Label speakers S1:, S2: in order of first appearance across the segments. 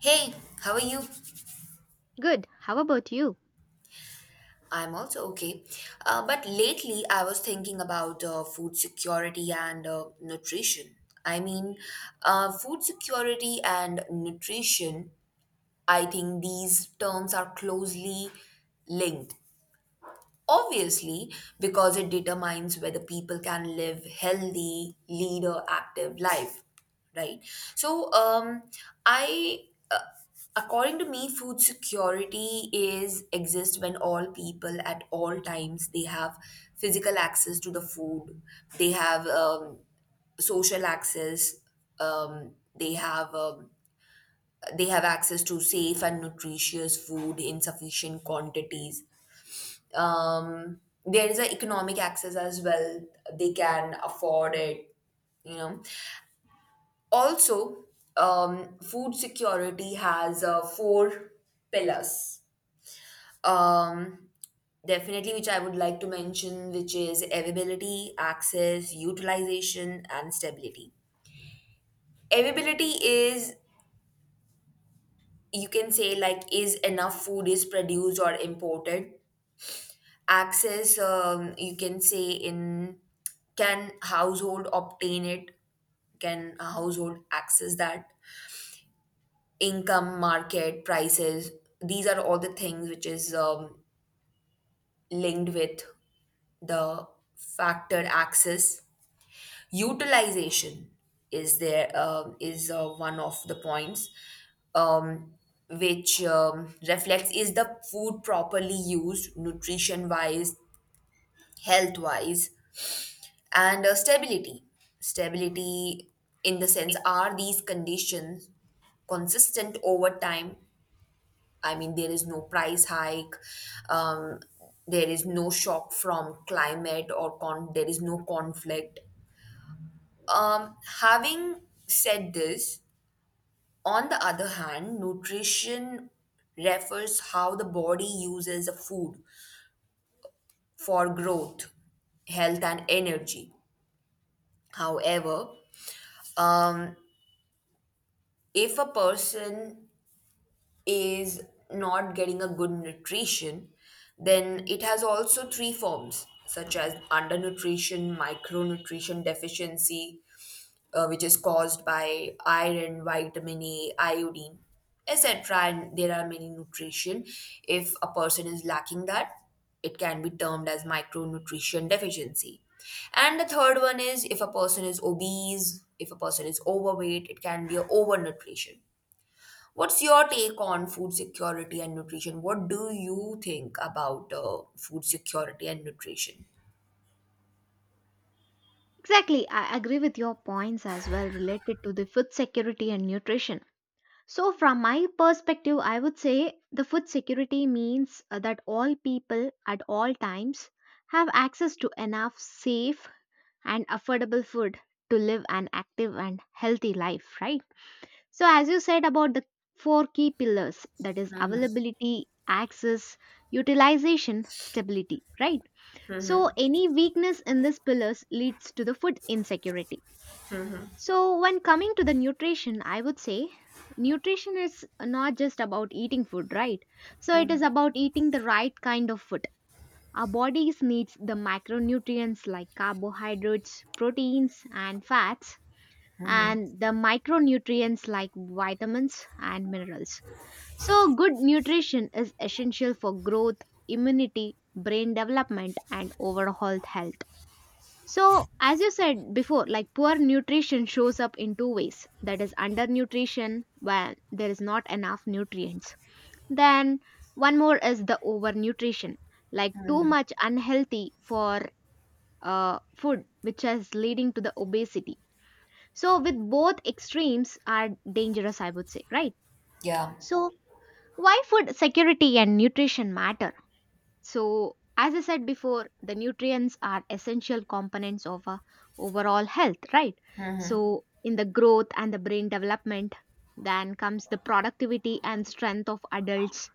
S1: Hey, how are you?
S2: Good. How about you?
S1: I'm also okay. But lately, I was thinking about food security and nutrition. I mean, food security and nutrition, I think these terms are closely linked. Obviously, because it determines whether people can live healthy, lead a active life, right? So, um, I, uh, according to me, food security is exists when all people at all times they have physical access to the food, they have social access, um, they have um, they have access to safe and nutritious food in sufficient quantities. um, there is a economic access as well, they can afford it you know Also, food security has four pillars, um, definitely, which I would like to mention, which is availability, access, utilization and stability. Availability is, you can say, like is enough food is produced or imported. Access, you can say, in can household obtain it, can a household access that, income, market prices, these are all the things which is linked with the factor access. Utilization is there, is one of the points, um, which reflects is the food properly used nutrition wise, health wise. And stability, stability, in the sense, are these conditions consistent over time. I mean, there is no price hike, um, there is no shock from climate or there is no conflict. um, having said this, on the other hand, nutrition refers how the body uses the food for growth, health and energy. However, um, if a person is not getting a good nutrition, then it has also three forms, such as undernutrition, micronutrition deficiency, which is caused by iron, vitamin A, iodine, etc. And there are many nutrition. If a person is lacking that, it can be termed as micronutrition deficiency. And the third one is if a person is obese, if a person is overweight, it can be a overnutrition. What's your take on food security and nutrition? What do you think about food security and nutrition?
S2: Exactly. I agree with your points as well related to the food security and nutrition. So, from my perspective, I would say the food security means that all people at all times have access to enough safe and affordable food to live an active and healthy life, right? So, as you said about the four key pillars that is, availability, access, utilization, stability, right? So, any weakness in these pillars leads to the food insecurity. So, when coming to the nutrition, I would say nutrition is not just about eating food, right? So, it is about eating the right kind of food. Our bodies needs the macronutrients like carbohydrates, proteins and fats and the micronutrients like vitamins and minerals. So, good nutrition is essential for growth, immunity, brain development and overall health. So, as you said before, like poor nutrition shows up in two ways that is, undernutrition, when there is not enough nutrients. Then, one more is the overnutrition, like too much unhealthy for food, which is leading to the obesity. So, with both extremes are dangerous, I would say, right?
S1: Yeah.
S2: So, why food security and nutrition matter? So, as I said before, the nutrients are essential components of our overall health, right? So, in the growth and the brain development, then comes the productivity and strength of adults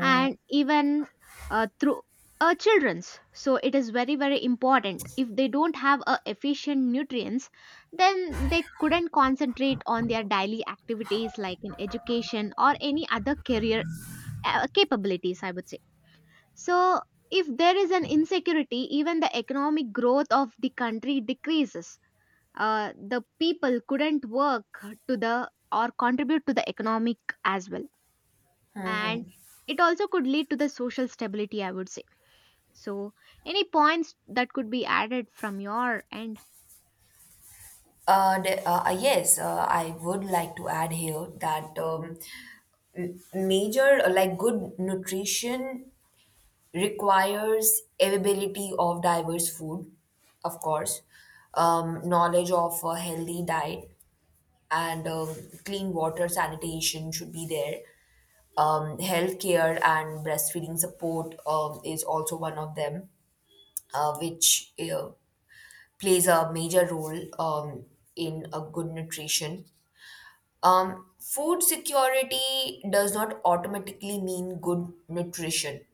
S2: and even through children's, so it is very very important. If they don't have a efficient nutrients, then they couldn't concentrate on their daily activities like in education or any other career capabilities, I would say. So, if there is an insecurity, even the economic growth of the country decreases. The people couldn't work to the or contribute to the economic as well, and it also could lead to the social stability, I would say. So, any points that could be added from your end?
S1: I would like to add here that major, like good nutrition requires availability of diverse food, of course, knowledge of a healthy diet, and clean water, sanitation should be there, healthcare and breastfeeding support is also one of them, which plays a major role in a good nutrition. Food security does not automatically mean good nutrition,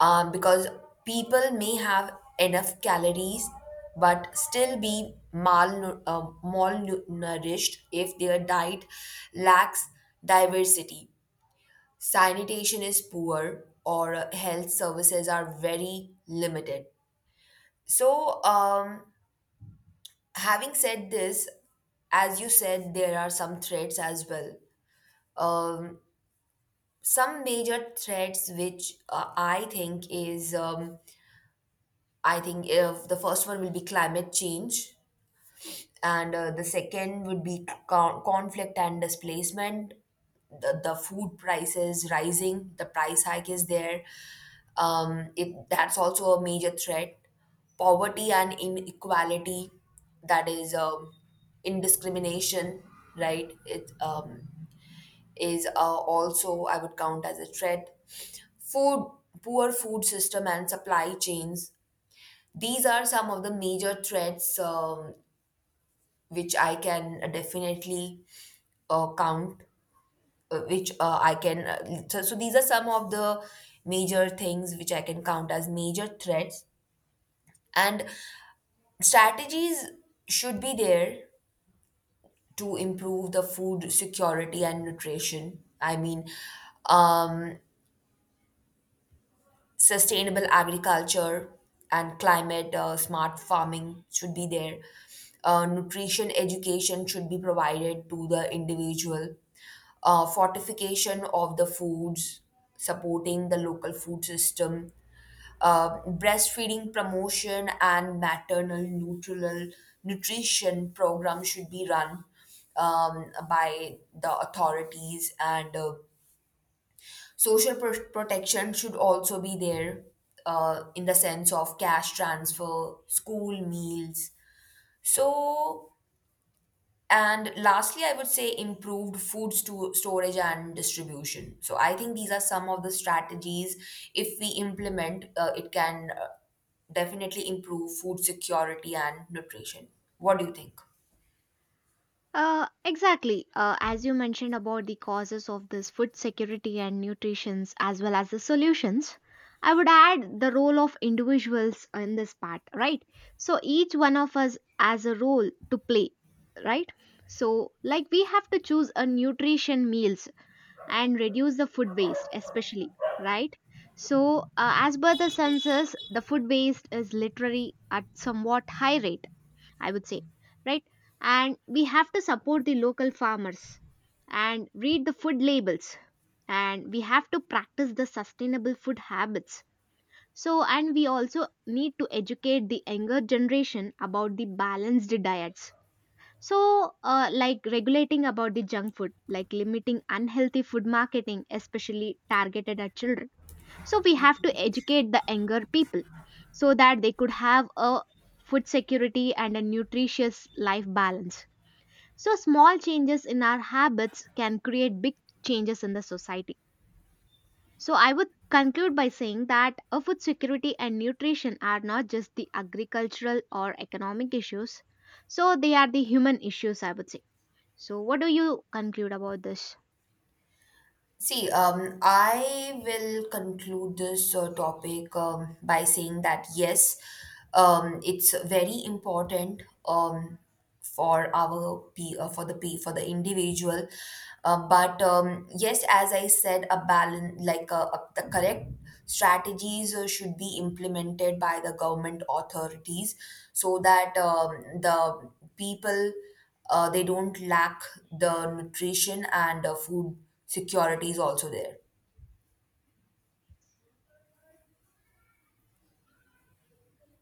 S1: because people may have enough calories but still be malnourished if their diet lacks diversity, sanitation is poor or health services are very limited. So, um, having said this, as you said, there are some threats as well. Um, some major threats which I think the first one will be climate change, and the second would be conflict and displacement. The food prices rising, the price hike is there, if that's also a major threat, poverty and inequality, that is indiscrimination, right, it is also I would count as a threat. Food poor food system and supply chains, these are some of the major threats, which I can definitely count, which I can. So, these are some of the major things which I can count as major threats. And strategies should be there to improve the food security and nutrition. Um, sustainable agriculture and climate smart farming should be there. Nutrition education should be provided to the individual. Fortification of the foods, supporting the local food system. Breastfeeding promotion and maternal neutral nutrition program should be run by the authorities, and social protection should also be there, in the sense of cash transfer, school meals. So, and lastly, I would say improved food storage and distribution. So, I think these are some of the strategies. If we implement, it can, definitely improve food security and nutrition. What do you think?
S2: Exactly. As you mentioned about the causes of this food security and nutritions as well as the solutions, I would add the role of individuals in this part, right? So each one of us has a role to play, right? So like we have to choose a nutrition meals and reduce the food waste, especially, right? So as per the census, the food waste is literally at somewhat high rate, I would say, right? And we have to support the local farmers and read the food labels and we have to practice the sustainable food habits. So, and we also need to educate the younger generation about the balanced diets. So, like regulating about the junk food, like limiting unhealthy food marketing, especially targeted at children, so we have to educate the younger people so that they could have a food security and a nutritious life balance. So small changes in our habits can create big changes in the society. So I would conclude by saying that a food security and nutrition are not just the agricultural or economic issues. So they are the human issues, I would say. So what do you conclude about this?
S1: See, I will conclude this topic by saying that yes, it's very important um, for our p for the p for the individual, but yes, as I said, a balance, the correct strategies should be implemented by the government authorities, so that the people, they don't lack the nutrition and food security is also there.